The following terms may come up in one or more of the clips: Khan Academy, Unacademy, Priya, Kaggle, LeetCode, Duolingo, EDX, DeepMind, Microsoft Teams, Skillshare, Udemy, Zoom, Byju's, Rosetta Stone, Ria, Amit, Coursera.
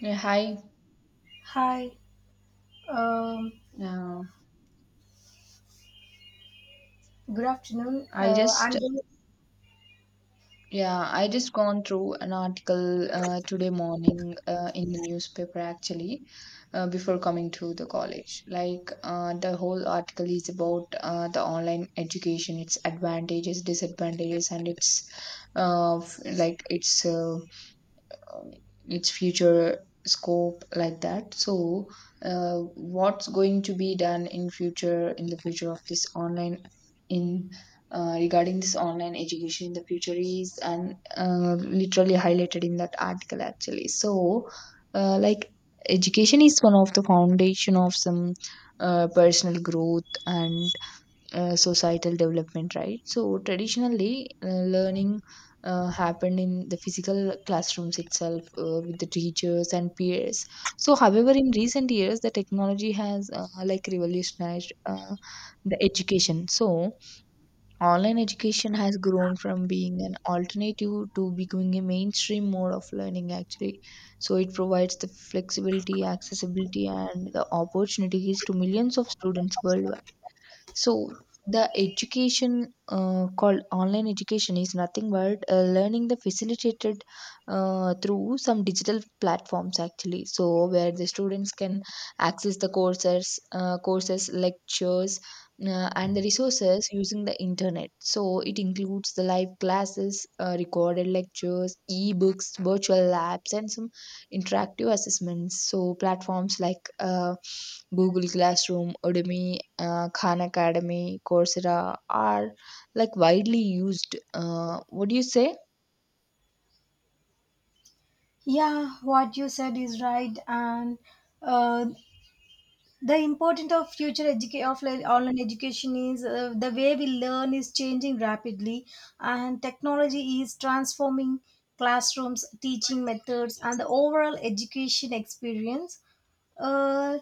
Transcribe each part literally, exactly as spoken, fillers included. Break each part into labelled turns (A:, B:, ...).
A: Yeah, hi.
B: Hi. Um,
A: Uh,
B: Good afternoon.
A: I
B: Uh, I'm
A: just yeah, I just gone through an article uh, today morning uh, in the newspaper actually uh, before coming to the college. Like uh, the whole article is about uh, the online education, its advantages, disadvantages, and its uh, f- like its uh, um, its future scope like that. So uh, what's going to be done in future in the future of this online in uh, regarding this online education in the future is and uh, literally highlighted in that article actually. So uh, like education is one of the foundation of some uh, personal growth and uh, societal development, right? So traditionally, uh, learning uh, happened in the physical classrooms itself uh, with the teachers and peers. So, however, in recent years, the technology has uh, like revolutionized uh, the education. So, online education has grown from being an alternative to becoming a mainstream mode of learning, actually. So, it provides the flexibility, accessibility, and the opportunities to millions of students worldwide. So the education uh, called online education is nothing but uh, learning the facilitated uh, through some digital platforms actually. So where the students can access the courses, uh, courses, lectures, uh, and the resources using the internet. So it includes the live classes, uh, recorded lectures, e-books, virtual labs, and some interactive assessments. So platforms like uh, Google Classroom, Udemy, uh, Khan Academy, Coursera are like widely used. Uh, what do you say?
B: Yeah, what you said is right, and uh, the importance of future educa- of like online education is, uh, the way we learn is changing rapidly, and technology is transforming classrooms, teaching methods, and the overall education experience. Uh,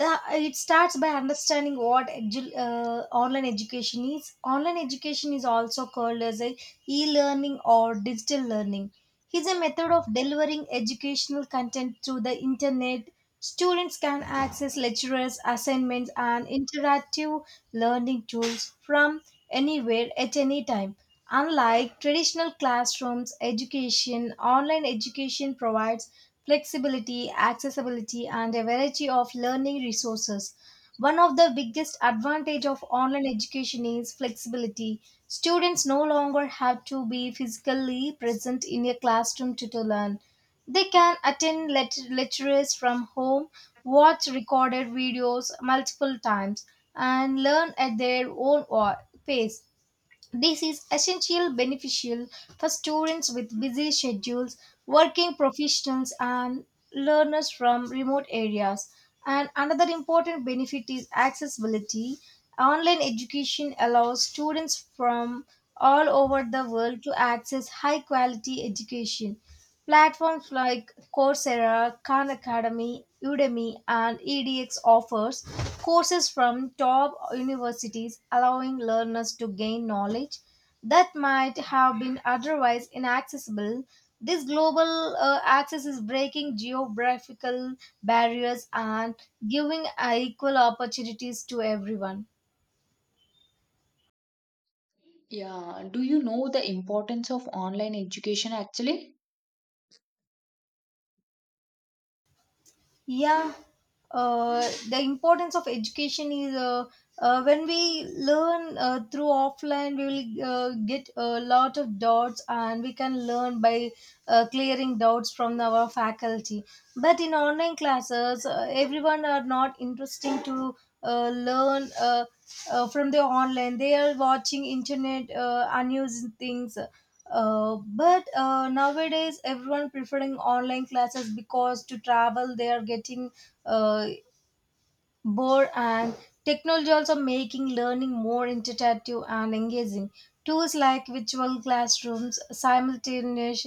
B: the It starts by understanding what edu- uh, online education is. Online education is also called as a e-learning or digital learning. It's a method of delivering educational content through the internet. Students can access lectures, assignments, and interactive learning tools from anywhere at any time. Unlike traditional classrooms education, online education provides flexibility, accessibility, and a variety of learning resources. One of the biggest advantage of online education is flexibility. Students no longer have to be physically present in a classroom to, to learn. They can attend let- lectures from home, watch recorded videos multiple times, and learn at their own wa- pace. This is essential beneficial for students with busy schedules, working professionals, and learners from remote areas. And another important benefit is accessibility. Online education allows students from all over the world to access high quality education. Platforms like Coursera, Khan Academy, Udemy, and E D X offers courses from top universities, allowing learners to gain knowledge that might have been otherwise inaccessible. This global uh, access is breaking geographical barriers and giving uh, equal opportunities to everyone.
A: Yeah, do you know the importance of online education actually?
B: Yeah. Uh, the importance of education is, uh, uh, when we learn uh, through offline, we will uh, get a lot of doubts and we can learn by uh, clearing doubts from our faculty. But in online classes, uh, everyone are not interesting to uh, learn uh, uh, from the online. They are watching internet uh, unused things, uh, but uh, nowadays everyone preferring online classes because to travel they are getting uh, bored. And technology also making learning more interactive and engaging. Tools like virtual classrooms, simultaneous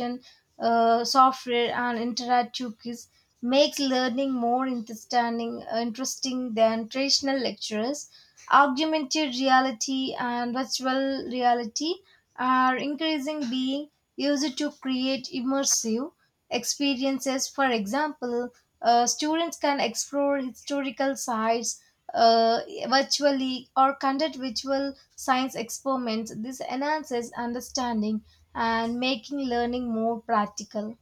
B: uh, software, and interactive quiz makes learning more interesting, interesting than traditional lectures. Augmented reality and virtual reality are increasing being used to create immersive experiences. For example, uh, students can explore historical sites uh, virtually or conduct virtual science experiments. This enhances understanding and making learning more practical.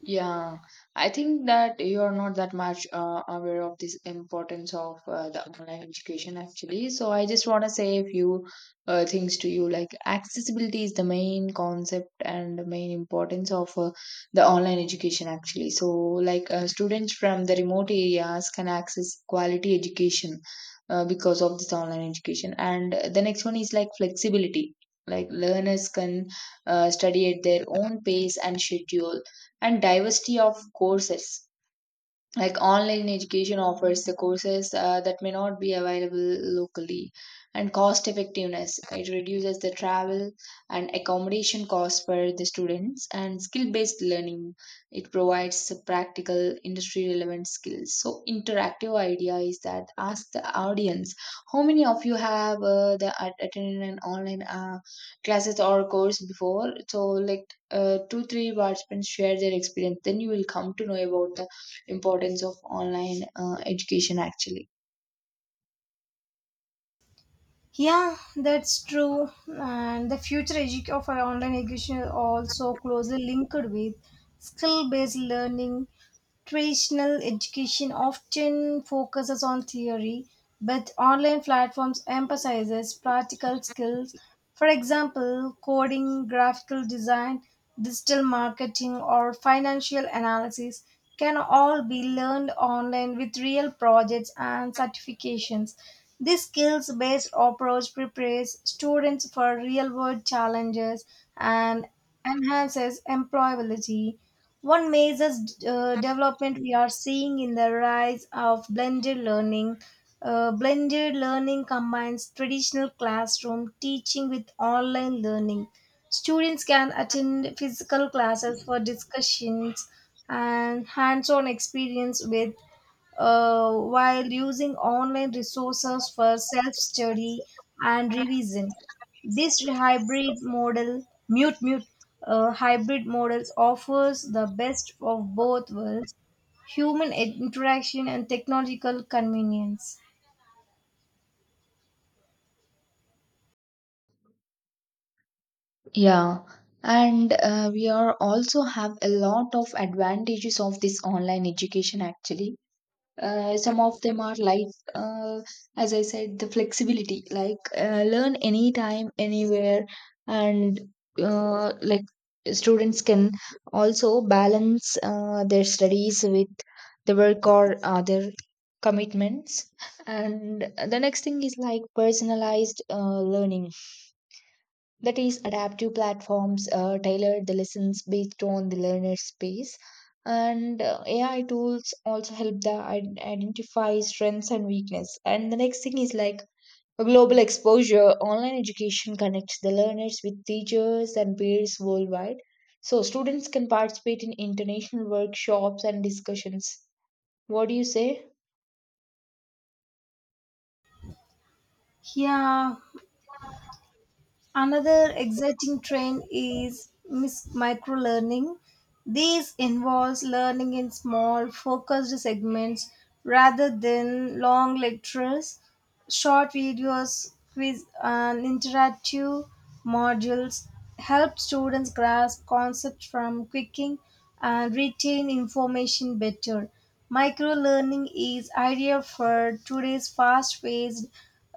A: Yeah, I think that you are not that much uh, aware of this importance of uh, the online education actually. So I just want to say a few uh, things to you. Like accessibility is the main concept and the main importance of uh, the online education actually. So like uh, students from the remote areas can access quality education uh, because of this online education. And the next one is like flexibility. Like learners can uh, study at their own pace and schedule, and diversity of courses, like online education offers the courses uh, that may not be available locally, and cost effectiveness, it reduces the travel and accommodation costs for the students, and skill based learning, it provides the practical industry relevant skills. So interactive idea is that ask the audience how many of you have uh, the at- attended an online uh, classes or course before. So like uh, two three participants share their experience, then you will come to know about the importance of online uh, education actually.
B: Yeah, that's true. And the future edu- of our online education is also closely linked with skill based learning. Traditional education often focuses on theory, but online platforms emphasizes practical skills. For example, coding, graphical design, digital marketing, or financial analysis can all be learned online with real projects and certifications. This skills-based approach prepares students for real-world challenges and enhances employability. One major uh, development we are seeing in the rise of blended learning. Uh, blended learning combines traditional classroom teaching with online learning. Students can attend physical classes for discussions and hands on experience with, uh, while using online resources for self study and revision. This hybrid model, mute mute uh, hybrid models offers the best of both worlds, human interaction and technological convenience.
A: Yeah, and uh, we are also have a lot of advantages of this online education actually. Uh, some of them are like, uh, as I said, the flexibility, like uh, learn anytime anywhere, and uh, like students can also balance uh, their studies with the work or other commitments. And the next thing is like personalized uh, learning, that is, adaptive platforms uh, tailor the lessons based on the learner's space. And uh, A I tools also help the id- identify strengths and weakness. And the next thing is like a global exposure. Online education connects the learners with teachers and peers worldwide. So students can participate in international workshops and discussions. What do you say?
B: Yeah, another exciting trend is mis- micro. This involves learning in small, focused segments rather than long lectures, short videos, quiz, and interactive modules help students grasp concepts from quicking and retain information better. Microlearning is ideal for today's fast-paced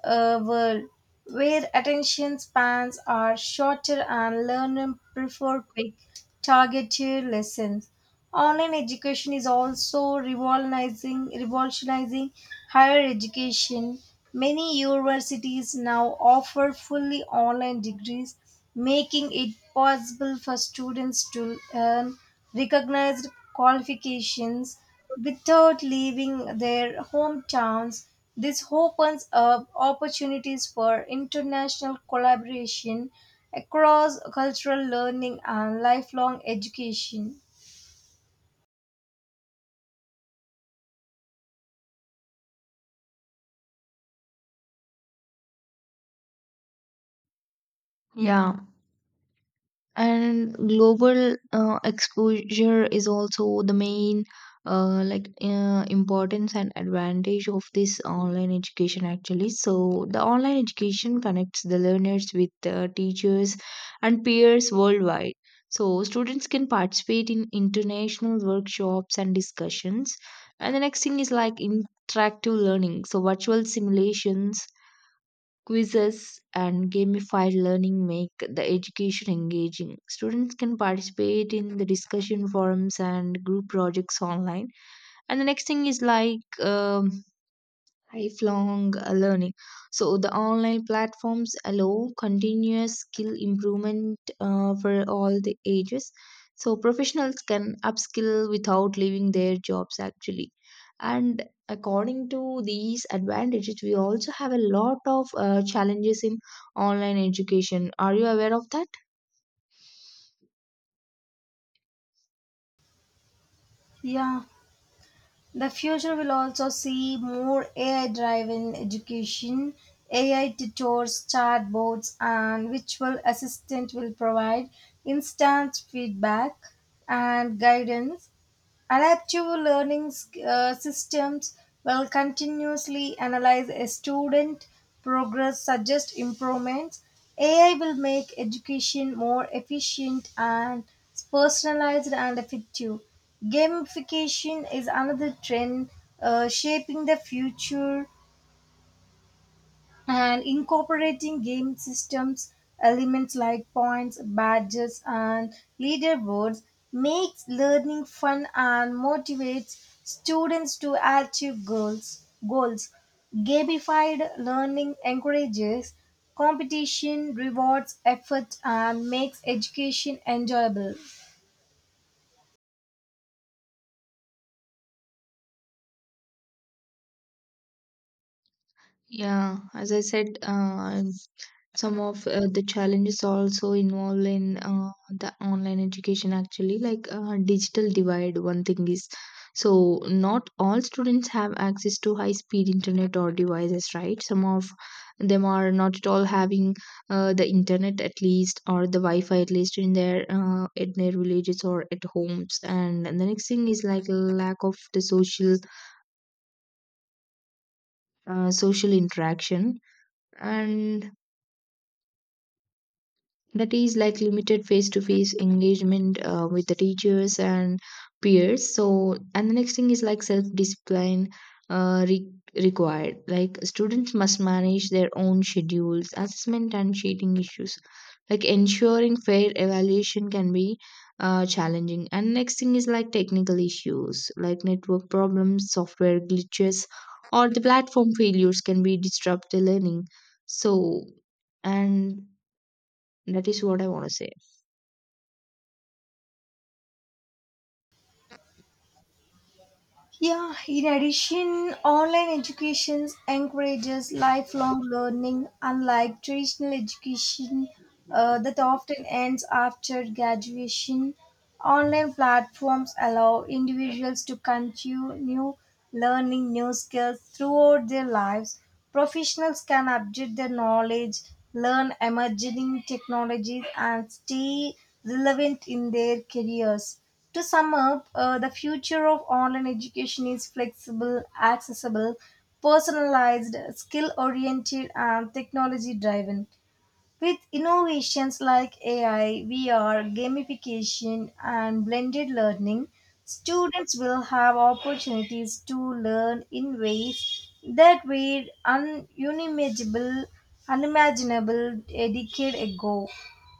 B: uh, world, where attention spans are shorter and learners prefer quick, targeted lessons. Online education is also revolutionizing, revolutionizing higher education. Many universities now offer fully online degrees, making it possible for students to earn recognized qualifications without leaving their hometowns. This opens up opportunities for international collaboration, across cultural learning, and lifelong education.
A: Yeah. And global uh, exposure is also the main uh, like uh, importance and advantage of this online education actually. So the online education connects the learners with uh, teachers and peers worldwide. So students can participate in international workshops and discussions. And the next thing is like interactive learning. So virtual simulations, quizzes, and gamified learning make the education engaging. Students can participate in the discussion forums and group projects online. And the next thing is like um, lifelong uh, learning. So the online platforms allow continuous skill improvement uh, for all the ages. So professionals can upskill without leaving their jobs actually. And according to these advantages, we also have a lot of uh, challenges in online education. Are you aware of that?
B: Yeah. The future will also see more A I driven education. A I tutors, chatbots, and virtual assistant will provide instant feedback and guidance. Adaptive learning uh, systems will continuously analyze a student progress, suggest improvements. A I will make education more efficient and personalized and effective. Gamification is another trend uh, shaping the future, and incorporating game systems elements like points, badges, and leaderboards makes learning fun and motivates students to achieve goals. Goals gamified learning encourages competition, rewards effort, and makes education enjoyable.
A: Yeah, as I said, uh, some of uh, the challenges also involved in uh, the online education actually. Like uh, digital divide one thing is, so not all students have access to high speed internet or devices, right? Some of them are not at all having uh, the internet at least or the wi-fi at least in their uh, in their villages or at homes. And, and the next thing is like lack of the social uh, social interaction, and that is like limited face to face engagement uh, with the teachers and peers. So, and the next thing is like self discipline uh, re- required, like students must manage their own schedules. Assessment and cheating issues, like ensuring fair evaluation can be uh, challenging. And next thing is like technical issues, like network problems, software glitches, or the platform failures can be disrupt the learning. So, and that is what I want to say.
B: Yeah, in addition, online education encourages lifelong learning, unlike traditional education uh, that often ends after graduation. Online platforms allow individuals to continue learning new skills throughout their lives. Professionals can update their knowledge, learn emerging technologies, and stay relevant in their careers. To sum up, uh, the future of online education is flexible, accessible, personalized, skill oriented, and technology driven. With innovations like A I, V R, gamification, and blended learning, students will have opportunities to learn in ways that were un- unimaginable, unimaginable a decade ago.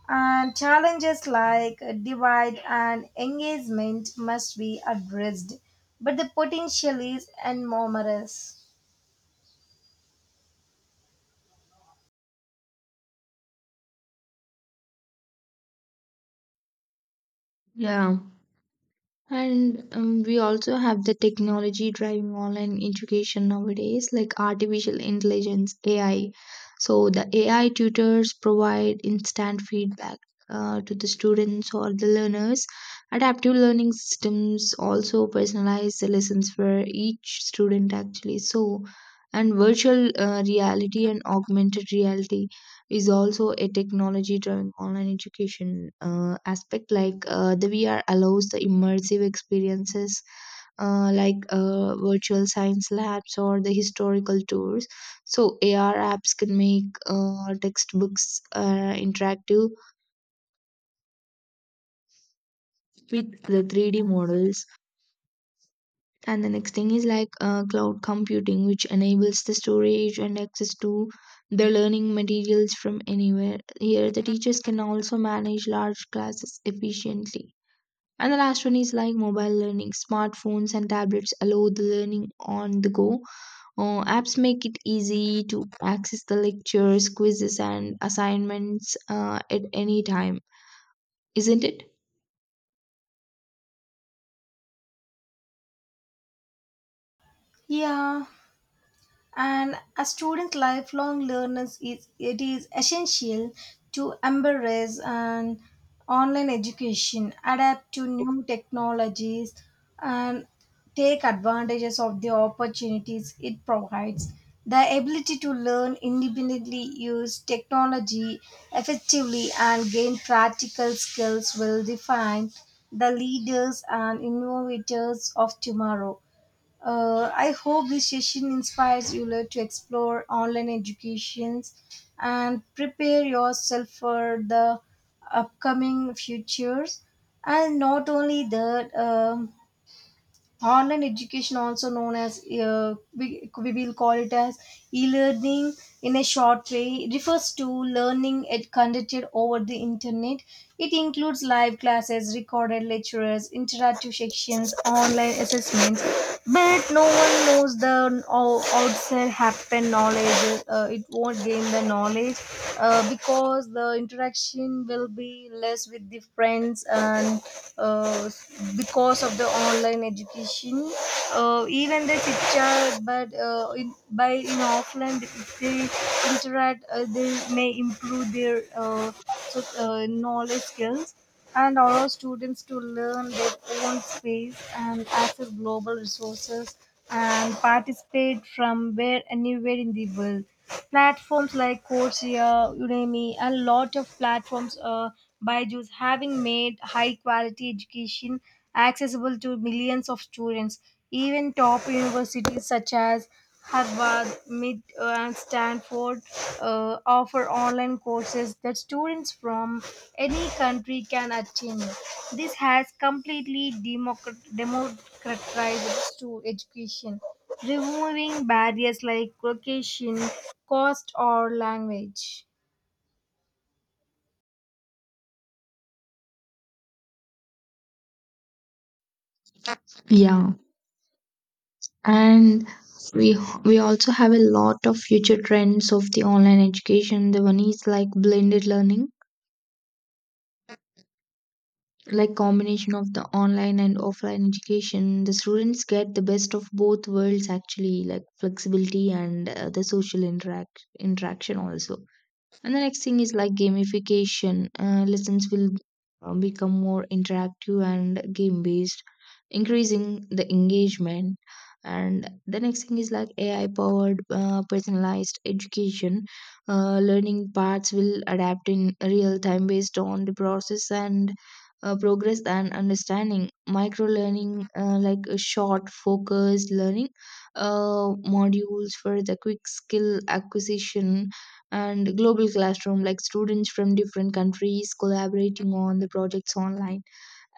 B: And challenges like divide and engagement must be addressed, but the potential is enormous.
A: Yeah. And um, we also have the technology driving online education nowadays, like artificial intelligence, A I. So the A I tutors provide instant feedback uh, to the students or the learners. Adaptive learning systems also personalize the lessons for each student, actually. So, and virtual uh, reality and augmented reality is also a technology driven online education uh, aspect, like uh, the vr allows the immersive experiences uh, like uh, virtual science labs or the historical tours. So ar apps can make uh, textbooks uh, interactive with the three d models. And the next thing is like uh, cloud computing, which enables the storage and access to the learning materials from anywhere. Here, the teachers can also manage large classes efficiently. And the last one is like mobile learning. Smartphones and tablets allow the learning on the go. Uh, apps make it easy to access the lectures, quizzes, and assignments uh, at any time, isn't it?
B: Yeah, and a student lifelong learners, is it is essential to embrace an online education, adapt to new technologies, and take advantages of the opportunities it provides. The ability to learn independently, use technology effectively, and gain practical skills will define the leaders and innovators of tomorrow. uh, I hope this session inspires you to explore online educations and prepare yourself for the upcoming futures. And not only that, um, online education also known as, uh, we, we will call it as e-learning in a short way, refers to learning ed- conducted over the internet. It includes live classes, recorded lectures, interactive sections, online assessments, but no one knows the o- outside happen knowledge. Uh, it won't gain the knowledge uh, because the interaction will be less with the friends, and uh, uh, because of the online education, uh, even they picture. But uh, in, by in offline if they interact, uh, they may improve their, uh, so, uh, knowledge skills, and allow students to learn their own space and access global resources and participate from where anywhere in the world. Platforms like Coursera, Udemy, and a lot of platforms, uh, Byju's, having made high quality education accessible to millions of students. Even top universities such as Harvard, Mid, uh, and Stanford uh, offer online courses that students from any country can attend. This has completely democrat- democratized to education, removing barriers like location, cost, or language.
A: Yeah, and we we also have a lot of future trends of the online education. The one is like blended learning, like combination of the online and offline education, the students get the best of both worlds actually, like flexibility and uh, the social interact interaction also. And the next thing is like gamification. Uh, lessons will uh, become more interactive and game based, increasing the engagement. And the next thing is like A I powered uh, personalized education. Uh, learning paths will adapt in real time based on the process and uh, progress and understanding. Micro learning, uh, like a short focused learning uh, modules for the quick skill acquisition, and global classroom, like students from different countries collaborating on the projects online,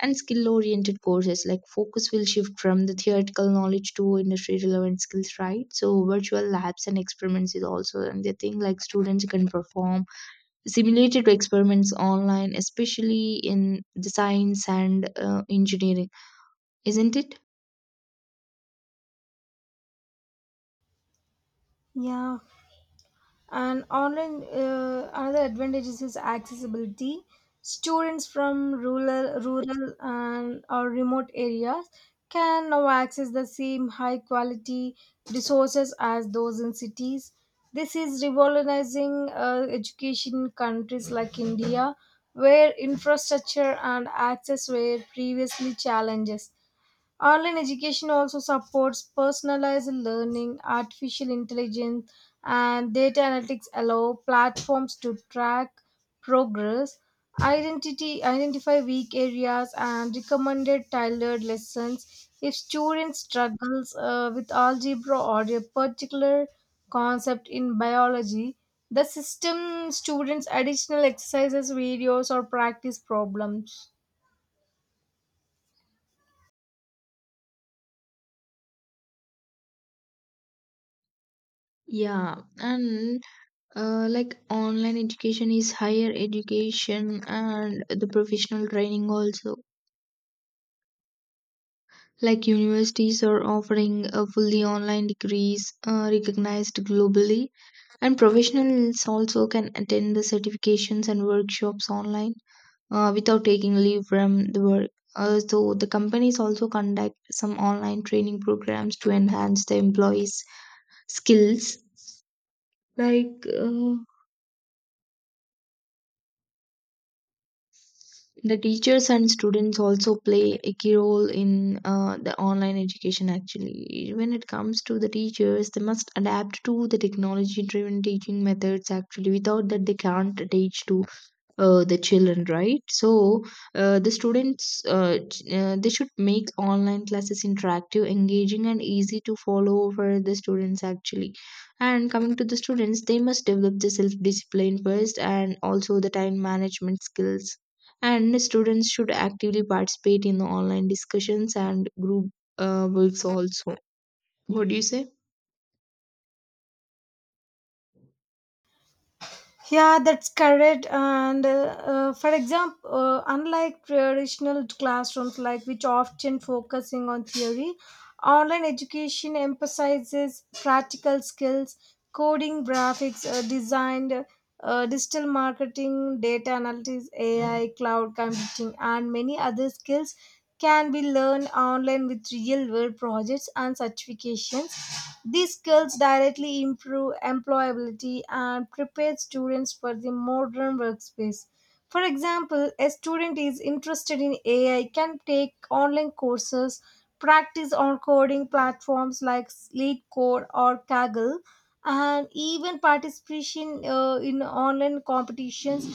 A: and skill oriented courses, like focus will shift from the theoretical knowledge to industry relevant skills, right? So virtual labs and experiments is also another thing, like students can perform simulated experiments online, especially in the science and uh, engineering, isn't it?
B: Yeah, and online, uh, another advantage is its accessibility. Students from rural, rural and or remote areas can now access the same high quality resources as those in cities. This is revolutionizing uh, education in countries like India, where infrastructure and access were previously challenges. Online education also supports personalized learning. Artificial intelligence and data analytics allow platforms to track progress, identity, identify weak areas, and recommended tailored lessons. If students struggles uh, with algebra or a particular concept in biology, the system students additional exercises, videos, or practice problems.
A: Yeah, and uh, like online education is higher education and the professional training also, like universities are offering a fully online degrees uh, recognized globally, and professionals also can attend the certifications and workshops online uh, without taking leave from the work. Uh, so the companies also conduct some online training programs to enhance the employees skills. like uh, The teachers and students also play a key role in uh, the online education actually. When it comes to the teachers, they must adapt to the technology driven teaching methods actually. Without that, they can't teach to uh, the children, right? So uh, the students uh, ch- uh, they should make online classes interactive, engaging, and easy to follow for the students actually. And coming to the students, they must develop the self discipline first and also the time management skills, and the students should actively participate in the online discussions and group uh, works also. What do you say?
B: Yeah, that's correct. And uh, uh, For example, uh, unlike traditional classrooms, like which often focusing on theory, online education emphasizes practical skills, coding, graphics, uh, design, uh, digital marketing, data analytics, A I, cloud computing, and many other skills can be learned online with real world projects and certifications. These skills directly improve employability and prepare students for the modern workspace. For example, a student is interested in A I can take online courses, practice on coding platforms like LeetCode or Kaggle, and even participation uh, in online competitions.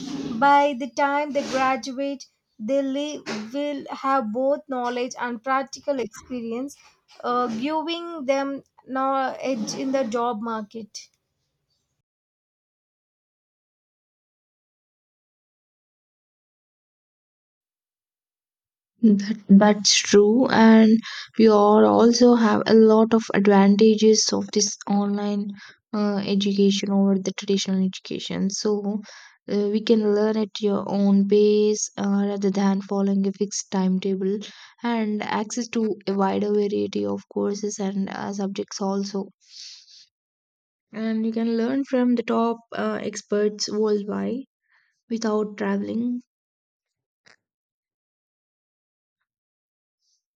B: By the time they graduate, they live, will have both knowledge and practical experience, uh, giving them no edge in the job market.
A: That, that's true. And you all also have a lot of advantages of this online uh, education over the traditional education. So uh, we can learn at your own pace uh, rather than following a fixed timetable, and access to a wider variety of courses and uh, subjects also. And you can learn from the top uh, experts worldwide without traveling,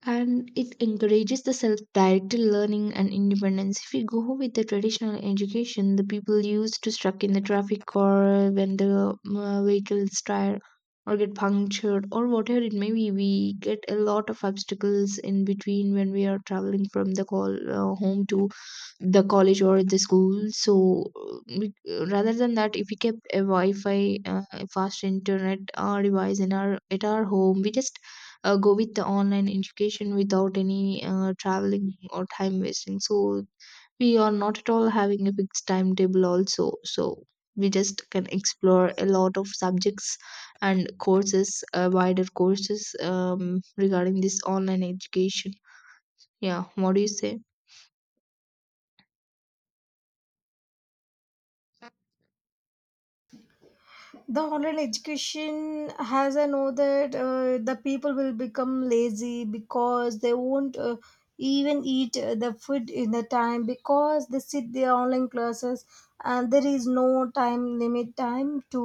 A: and it encourages the self-directed learning and independence. If we go with the traditional education, the people used to stuck in the traffic, or when the uh, vehicles tire or get punctured or whatever it may be, we get a lot of obstacles in between when we are traveling from the call uh, home to the college or the school. So uh, we, rather than that, if we kept a wi-fi uh, fast internet uh, device in our at our home, we just uh, go with the online education without any uh, traveling or time wasting. So we are not at all having a fixed timetable also. So we just can explore a lot of subjects and courses, uh, wider courses, um, regarding this online education. Yeah, what do you say?
B: The online education has, I know that uh, the people will become lazy because they won't uh, even eat uh, the food in the time because they sit their online classes, and there is no time limit time to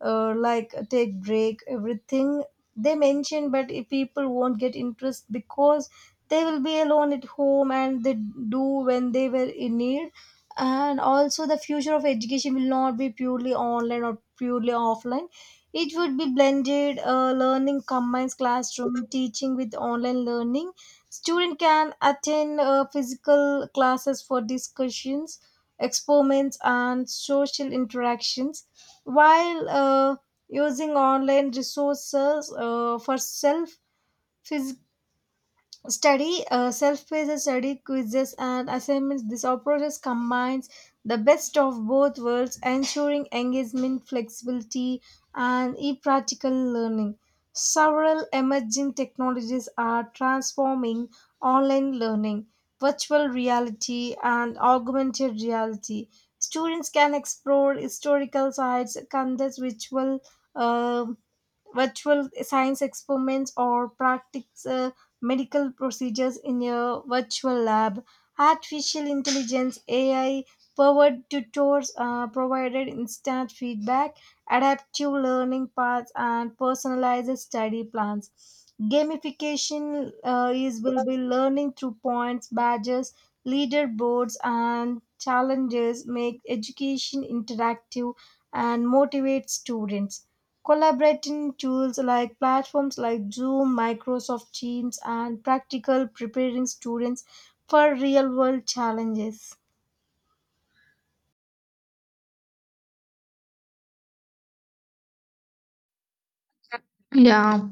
B: uh, like take break everything they mention. But if people won't get interest because they will be alone at home and they do when they were in need. And also the future of education will not be purely online or purely offline. It would be blended uh, learning, combines classroom teaching with online learning. Student can attend uh, physical classes for discussions, experiments, and social interactions, while uh, using online resources uh, for self Study, uh, self-paced study, quizzes, and assignments. This approach combines the best of both worlds, ensuring engagement, flexibility, and e-practical learning. Several emerging technologies are transforming online learning, virtual reality, and augmented reality. Students can explore historical sites, conduct virtual uh, virtual science experiments, or practice uh, medical procedures in a virtual lab. Artificial intelligence, A I powered tutors uh, provided instant feedback, adaptive learning paths, and personalized study plans. Gamification uh, is will be learning through points, badges, leaderboards, and challenges, make education interactive and motivate students. Collaborating tools like platforms like Zoom, Microsoft Teams, and practical preparing students for real world challenges.
A: Yeah.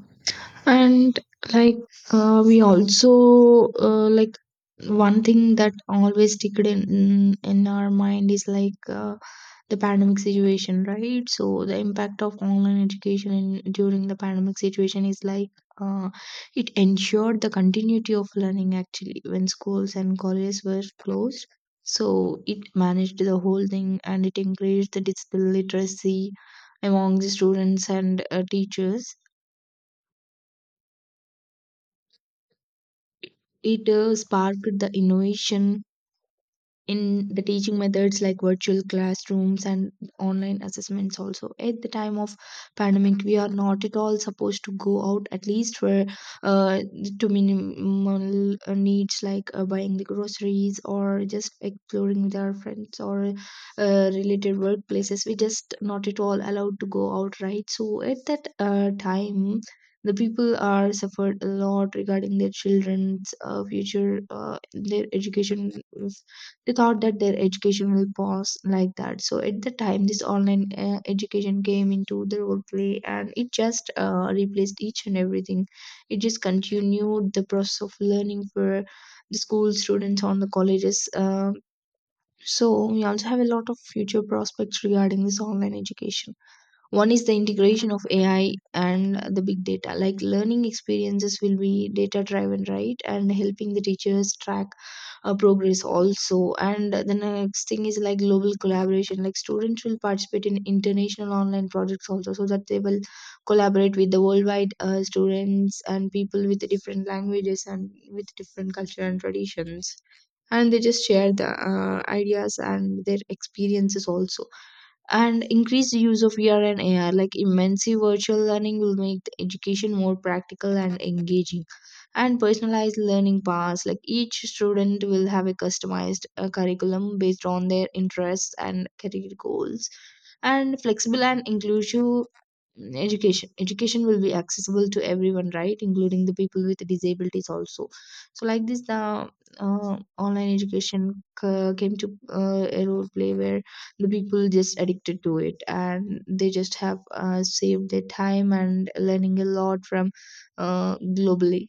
A: and like uh, we also uh, like one thing that always sticked in in our mind is like uh, the pandemic situation, right? So the impact of online education in, during the pandemic situation is like, uh, it ensured the continuity of learning actually when schools and colleges were closed. So it managed the whole thing and it encouraged the digital literacy among the students and uh, teachers. It uh, sparked the innovation in the teaching methods like virtual classrooms and online assessments. Also, at the time of pandemic we are not at all supposed to go out, at least for uh, to minimal uh, needs like uh, buying the groceries or just exploring with our friends or uh, related workplaces. We just not at all allowed to go out, right? So at that uh, time the people are suffered a lot regarding their children's uh, future, uh, their education. They thought that their education will pause like that. So at the time this online uh, education came into the role play and it just uh, replaced each and everything. It just continued the process of learning for the school students on the colleges. Uh, so we also have a lot of future prospects regarding this online education. One is the integration of AI and the big data, like learning experiences will be data driven, right, and helping the teachers track uh, progress also. And the next thing is like global collaboration, like students will participate in international online projects also, so that they will collaborate with the worldwide uh, students and people with different languages and with different culture and traditions, and they just share the uh, ideas and their experiences also. And increased use of V R and A R, like immersive virtual learning, will make the education more practical and engaging. And personalized learning paths, like each student will have a customized uh, curriculum based on their interests and career goals. And flexible and inclusive education. Education will be accessible to everyone, right, including the people with disabilities also. So, like this, the uh, online education c- came to uh, a role play where the people just addicted to it and they just have uh, saved their time and learning a lot from uh, globally.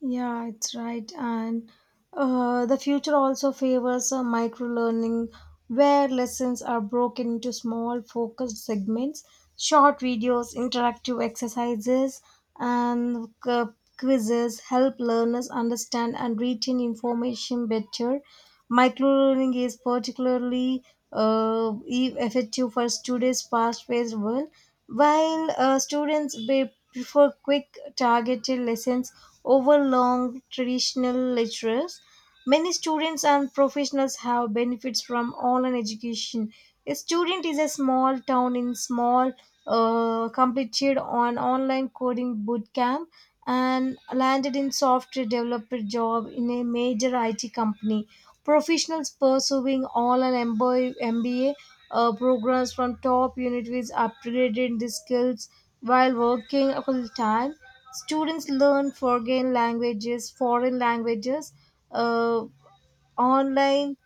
B: Yeah, it's right. And uh, the future also favors uh, micro learning, where lessons are broken into small, focused segments, short videos, interactive exercises, and uh, quizzes help learners understand and retain information better. Micro learning is particularly uh, e- effective for today's fast paced world. While uh, students may prefer quick, targeted lessons over long, traditional lectures, many students and professionals have benefits from online education. A student is a small town in small, uh, completed on online coding bootcamp and landed in software developer job in a major I T company. Professionals pursuing online M B A uh, programs from top universities upgraded the skills while working full time. Students learn foreign languages, foreign languages, uh, online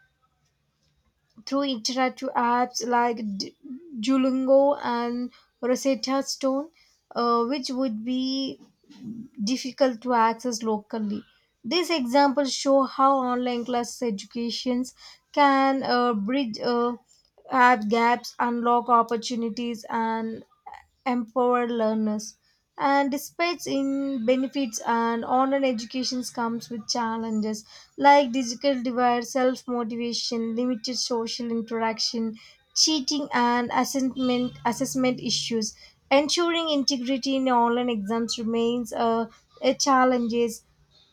B: through interactive apps like D- Duolingo and Rosetta Stone, uh, which would be difficult to access locally. These examples show how online class educations can uh, bridge uh, app gaps, unlock opportunities, and empower learners. And despite in benefits and online education comes with challenges like digital divide, self-motivation, limited social interaction, cheating and assessment assessment issues. Ensuring integrity in online exams remains a, a challenges.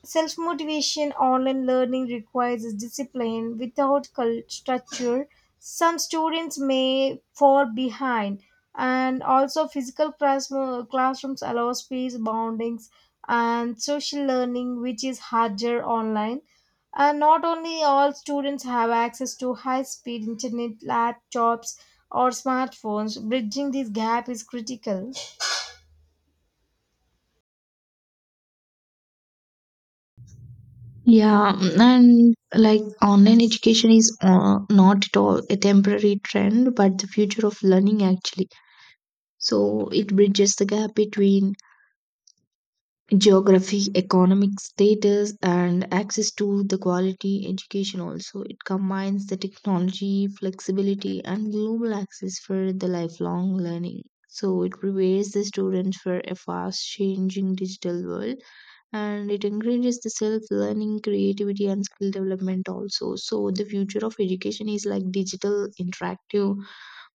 B: Self motivation, online learning requires discipline. Without cul- structure, some students may fall behind. And also, physical class- uh, classrooms allow space boundings and social learning, which is harder online. And not only all students have access to high speed internet, laptops, or smartphones, bridging this gap is critical.
A: Yeah. And like online education is uh, not at all a temporary trend but the future of learning actually. So it bridges the gap between geography, economic status and access to the quality education. Also, it combines the technology, flexibility and global access for the lifelong learning, so it prepares the students for a fast changing digital world, and it encourages the self learning, creativity and skill development also. So the future of education is like digital, interactive,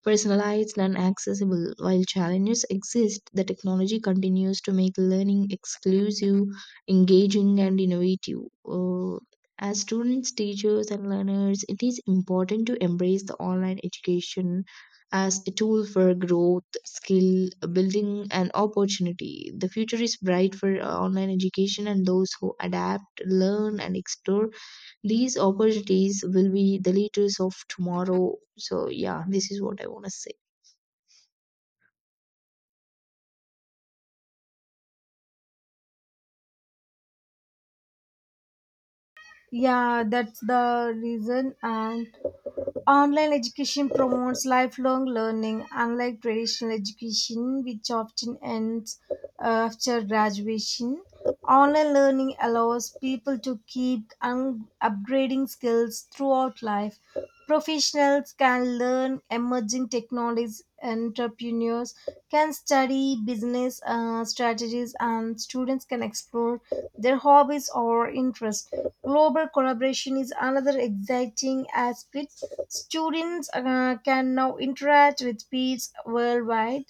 A: personalized and accessible. While challenges exist, the technology continues to make learning exclusive, engaging, and innovative. Uh, as students, teachers, and learners, it is important to embrace the online education as a tool for growth, skill building, and opportunity. The future is bright for uh, online education, and those who adapt, learn, and explore these opportunities will be the leaders of tomorrow. So, yeah, this is what I want to say.
B: Yeah, that's the reason. And online education promotes lifelong learning, unlike traditional education, which often ends after graduation. Online learning allows people to keep un- upgrading skills throughout life. Professionals can learn emerging technologies, entrepreneurs can study business uh, strategies, and students can explore their hobbies or interests. Global collaboration is another exciting aspect. Students uh, can now interact with peers worldwide,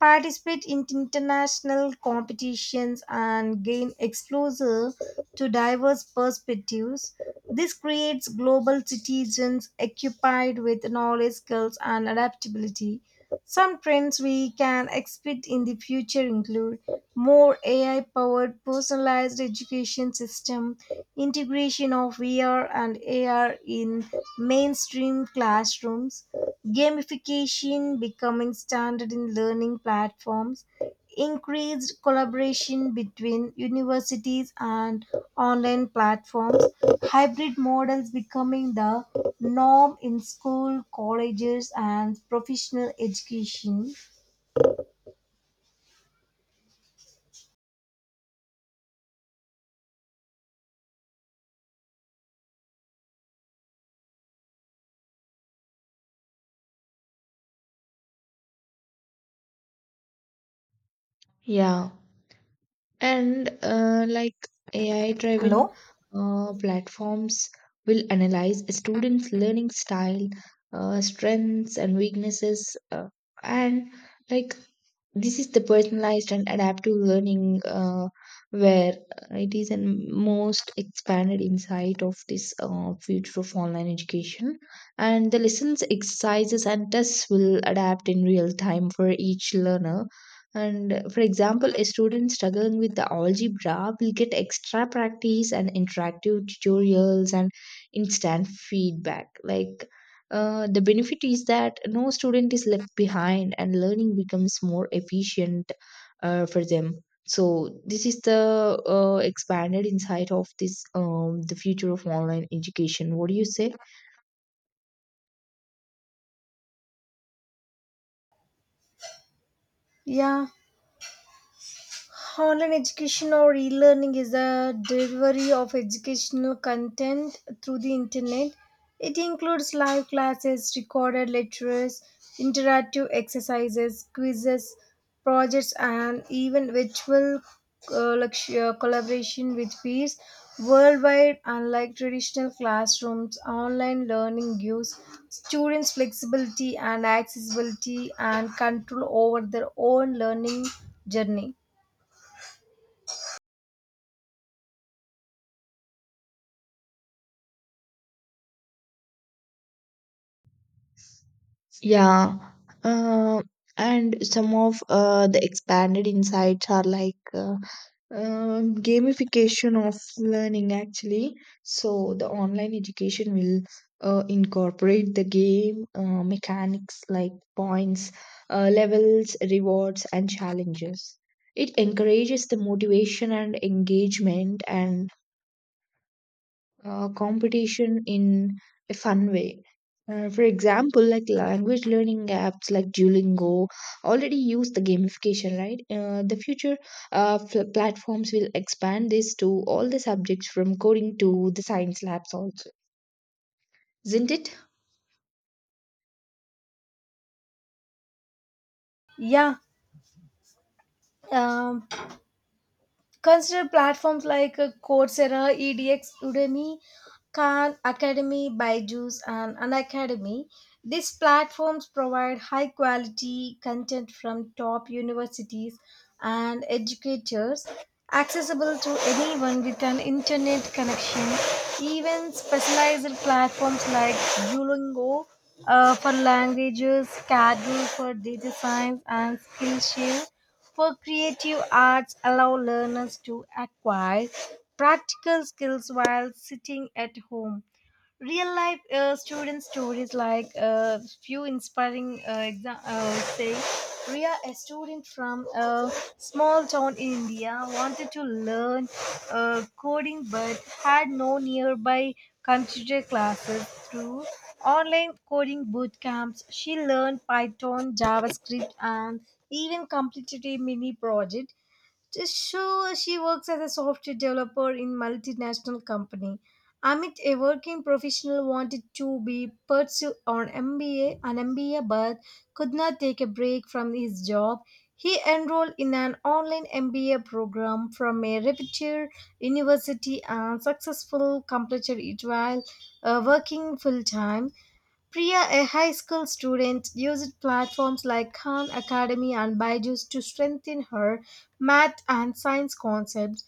B: participate in international competitions, and gain exposure to diverse perspectives. This creates global citizens occupied with knowledge, skills, and adaptability. Some trends we can expect in the future include more A I powered personalized education system, integration of V R and A R in mainstream classrooms, gamification becoming standard in learning platforms, increased collaboration between universities and online platforms, hybrid models becoming the norm in school, colleges, and professional education.
A: Yeah. And uh, like A I driven
B: Hello?
A: uh, platforms will analyze a students' learning style, uh, strengths, and weaknesses. Uh, and like this is the personalized and adaptive learning, uh, where it is a most expanded insight of this uh, future of online education, and the lessons, exercises and tests will adapt in real time for each learner. And uh, for example, a student struggling with the algebra will get extra practice and interactive tutorials and instant feedback. Like uh, the benefit is that no student is left behind and learning becomes more efficient uh, for them. So this is the uh, expanded insight of this um, the future of online education. What do you say?
B: Yeah, online education or e-learning is the delivery of educational content through the internet. It includes live classes, recorded lectures, interactive exercises, quizzes, projects, and even virtual uh, lecture- collaboration with peers worldwide, unlike traditional classrooms. Online learning gives students flexibility and accessibility and control over their own learning journey.
A: Yeah. Uh, and some of uh, the expanded insights are like. Uh, Um, gamification of learning actually. So the online education will uh, incorporate the game uh, mechanics like points, uh, levels, rewards and challenges. It encourages the motivation and engagement and uh, competition in a fun way. Uh, for example, like language learning apps like Duolingo already use the gamification, right? Uh, the future uh, fl- platforms will expand this to all the subjects from coding to the science labs also, isn't it?
B: Yeah. Um, Consider platforms like uh, Coursera, E D X, Udemy, Khan Academy, Byju's, and Unacademy. These platforms provide high quality content from top universities and educators, accessible to anyone with an internet connection. Even specialized platforms like Duolingo uh, for languages, Kaggle for data science, and Skillshare for creative arts allow learners to acquire practical skills while sitting at home. Real life uh, student stories like uh, few inspiring uh, exa- uh, say Ria, a student from a small town in India, wanted to learn uh, coding but had no nearby computer classes. Through online coding boot camps, she learned Python, JavaScript, and even completed a mini project, so she works as a software developer in multinational company. Amit, a working professional, wanted to be pursue on M B A, an M B A, but could not take a break from his job. He enrolled in an online M B A program from a reputed university and successful completed it while uh, working full time. Priya, a high school student, used platforms like Khan Academy and Byju's to strengthen her math and science concepts.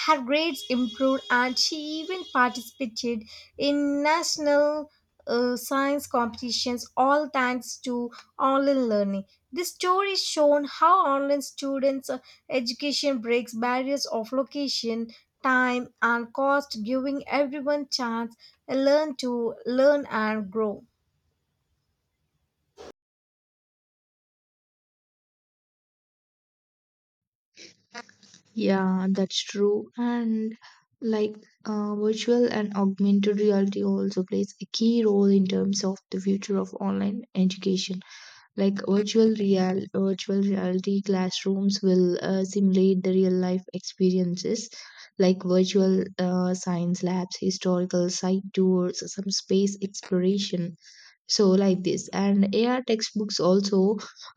B: Her grades improved and she even participated in national uh, science competitions, all thanks to online learning. This story shown how online students' uh, education breaks barriers of location, time, and cost, giving everyone chance uh, learn to learn and grow.
A: Yeah, that's true. And like uh, virtual and augmented reality also plays a key role in terms of the future of online education. Like virtual real virtual reality classrooms will uh, simulate the real life experiences like virtual uh, science labs, historical site tours, some space exploration. So like this. And AR textbooks also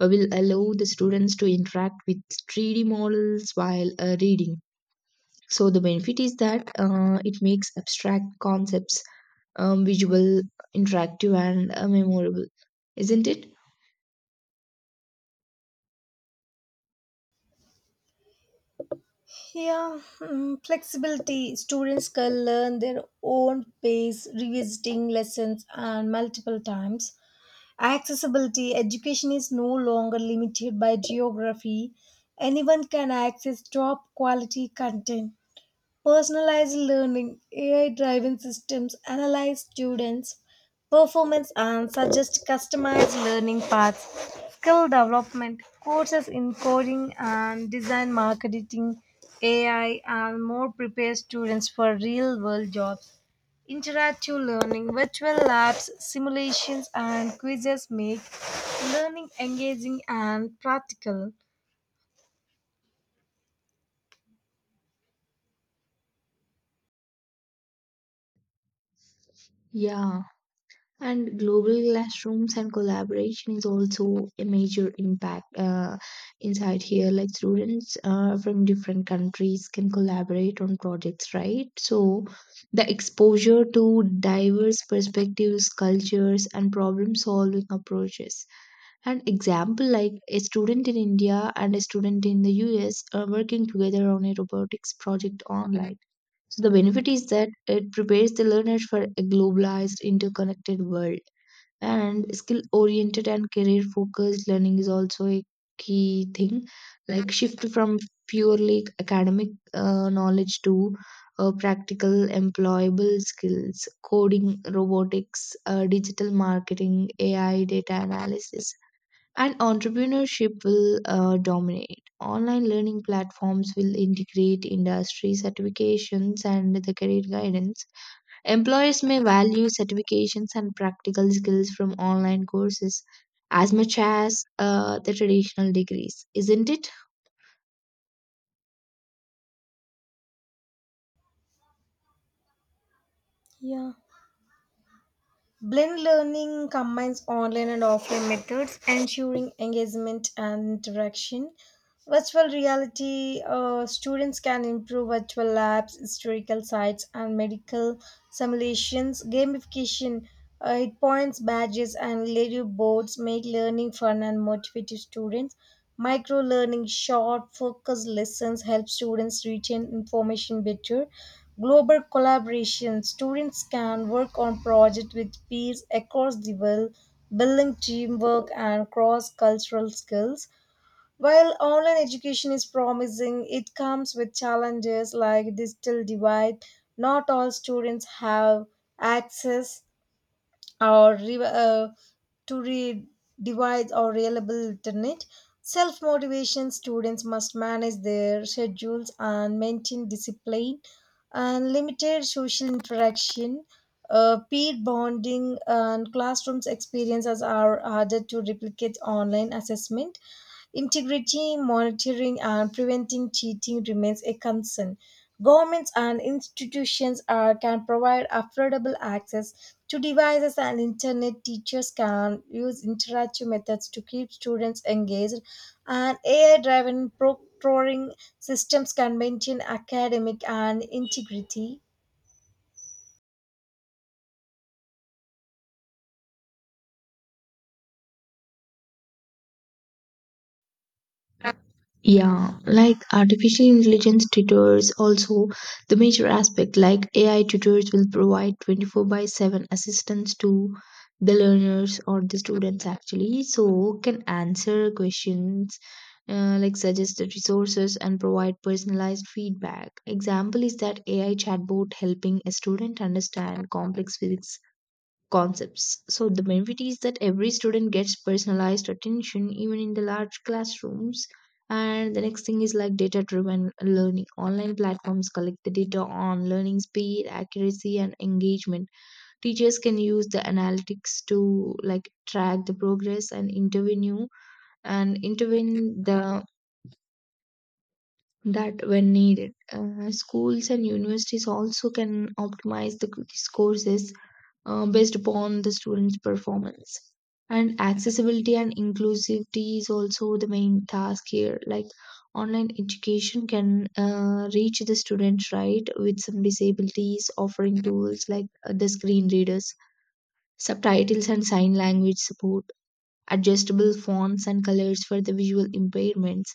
A: uh, will allow the students to interact with three d models while uh, reading. So the benefit is that uh, it makes abstract concepts um, visual, interactive and uh, memorable, isn't it?
B: Yeah, mm, flexibility. Students can learn their own pace, revisiting lessons and multiple times. Accessibility. Education is no longer limited by geography. Anyone can access top quality content. Personalized learning, A I driven systems analyze students' performance and suggest customized learning paths. Skill development, courses in coding and design marketing, A I, and more prepare students for real world jobs. Interactive learning, virtual labs, simulations, and quizzes make learning engaging and practical.
A: Yeah. And global classrooms and collaboration is also a major impact uh, inside here. Like students uh, from different countries can collaborate on projects, right? So the exposure to diverse perspectives, cultures, and problem solving approaches. An example like a student in India and a student in the U S are working together on a robotics project online. So the benefit is that it prepares the learners for a globalized, interconnected world. And skill oriented and career focused learning is also a key thing, like shift from purely academic uh, knowledge to uh, practical employable skills. Coding, robotics, uh, digital marketing, AI, data analysis and entrepreneurship will uh, dominate online learning platforms, will integrate industry certifications and the career guidance. Employers may value certifications and practical skills from online courses as much as uh, the traditional degrees, isn't it?
B: Yeah. Blended learning combines online and offline methods, ensuring engagement and interaction. Virtual reality, uh, students can improve virtual labs, historical sites, and medical simulations. Gamification, uh, it points, badges, and leaderboards make learning fun and motivated students. Micro learning, short, focused lessons help students retain information better. Global collaboration, students can work on projects with peers across the world, building teamwork and cross cultural skills. While online education is promising, it comes with challenges like digital divide. Not all students have access or re- uh, to read device or reliable internet. Self motivation, students must manage their schedules and maintain discipline, and limited social interaction, uh, peer bonding and classrooms experiences are harder to replicate online. Assessment integrity, monitoring and preventing cheating remains a concern. Governments and institutions are, can provide affordable access to devices and internet. Teachers can use interactive methods to keep students engaged, and A I driven proctoring systems can maintain academic and integrity.
A: Yeah, like artificial intelligence tutors also, the major aspect, like A I tutors will provide twenty-four by seven assistance to the learners or the students actually, so can answer questions, uh, like suggest the resources and provide personalized feedback. Example is that A I chatbot helping a student understand complex physics concepts. So the benefit is that every student gets personalized attention even in the large classrooms. And the next thing is like data driven learning. Online platforms collect the data on learning speed, accuracy, and engagement. Teachers can use the analytics to like track the progress and intervene and intervene the that when needed. Uh, schools and universities also can optimize the c- these courses uh, based upon the student's performance. And accessibility and inclusivity is also the main task here. Like online education can uh, reach the students, right, with some disabilities, offering tools like uh, the screen readers, subtitles, and sign language support, adjustable fonts and colors for the visual impairments.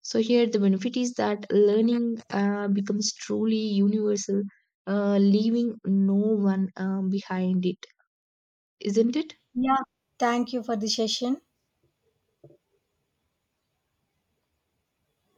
A: So here the benefit is that learning uh, becomes truly universal, uh, leaving no one um, behind it, isn't it?
B: Yeah. Thank you for the session.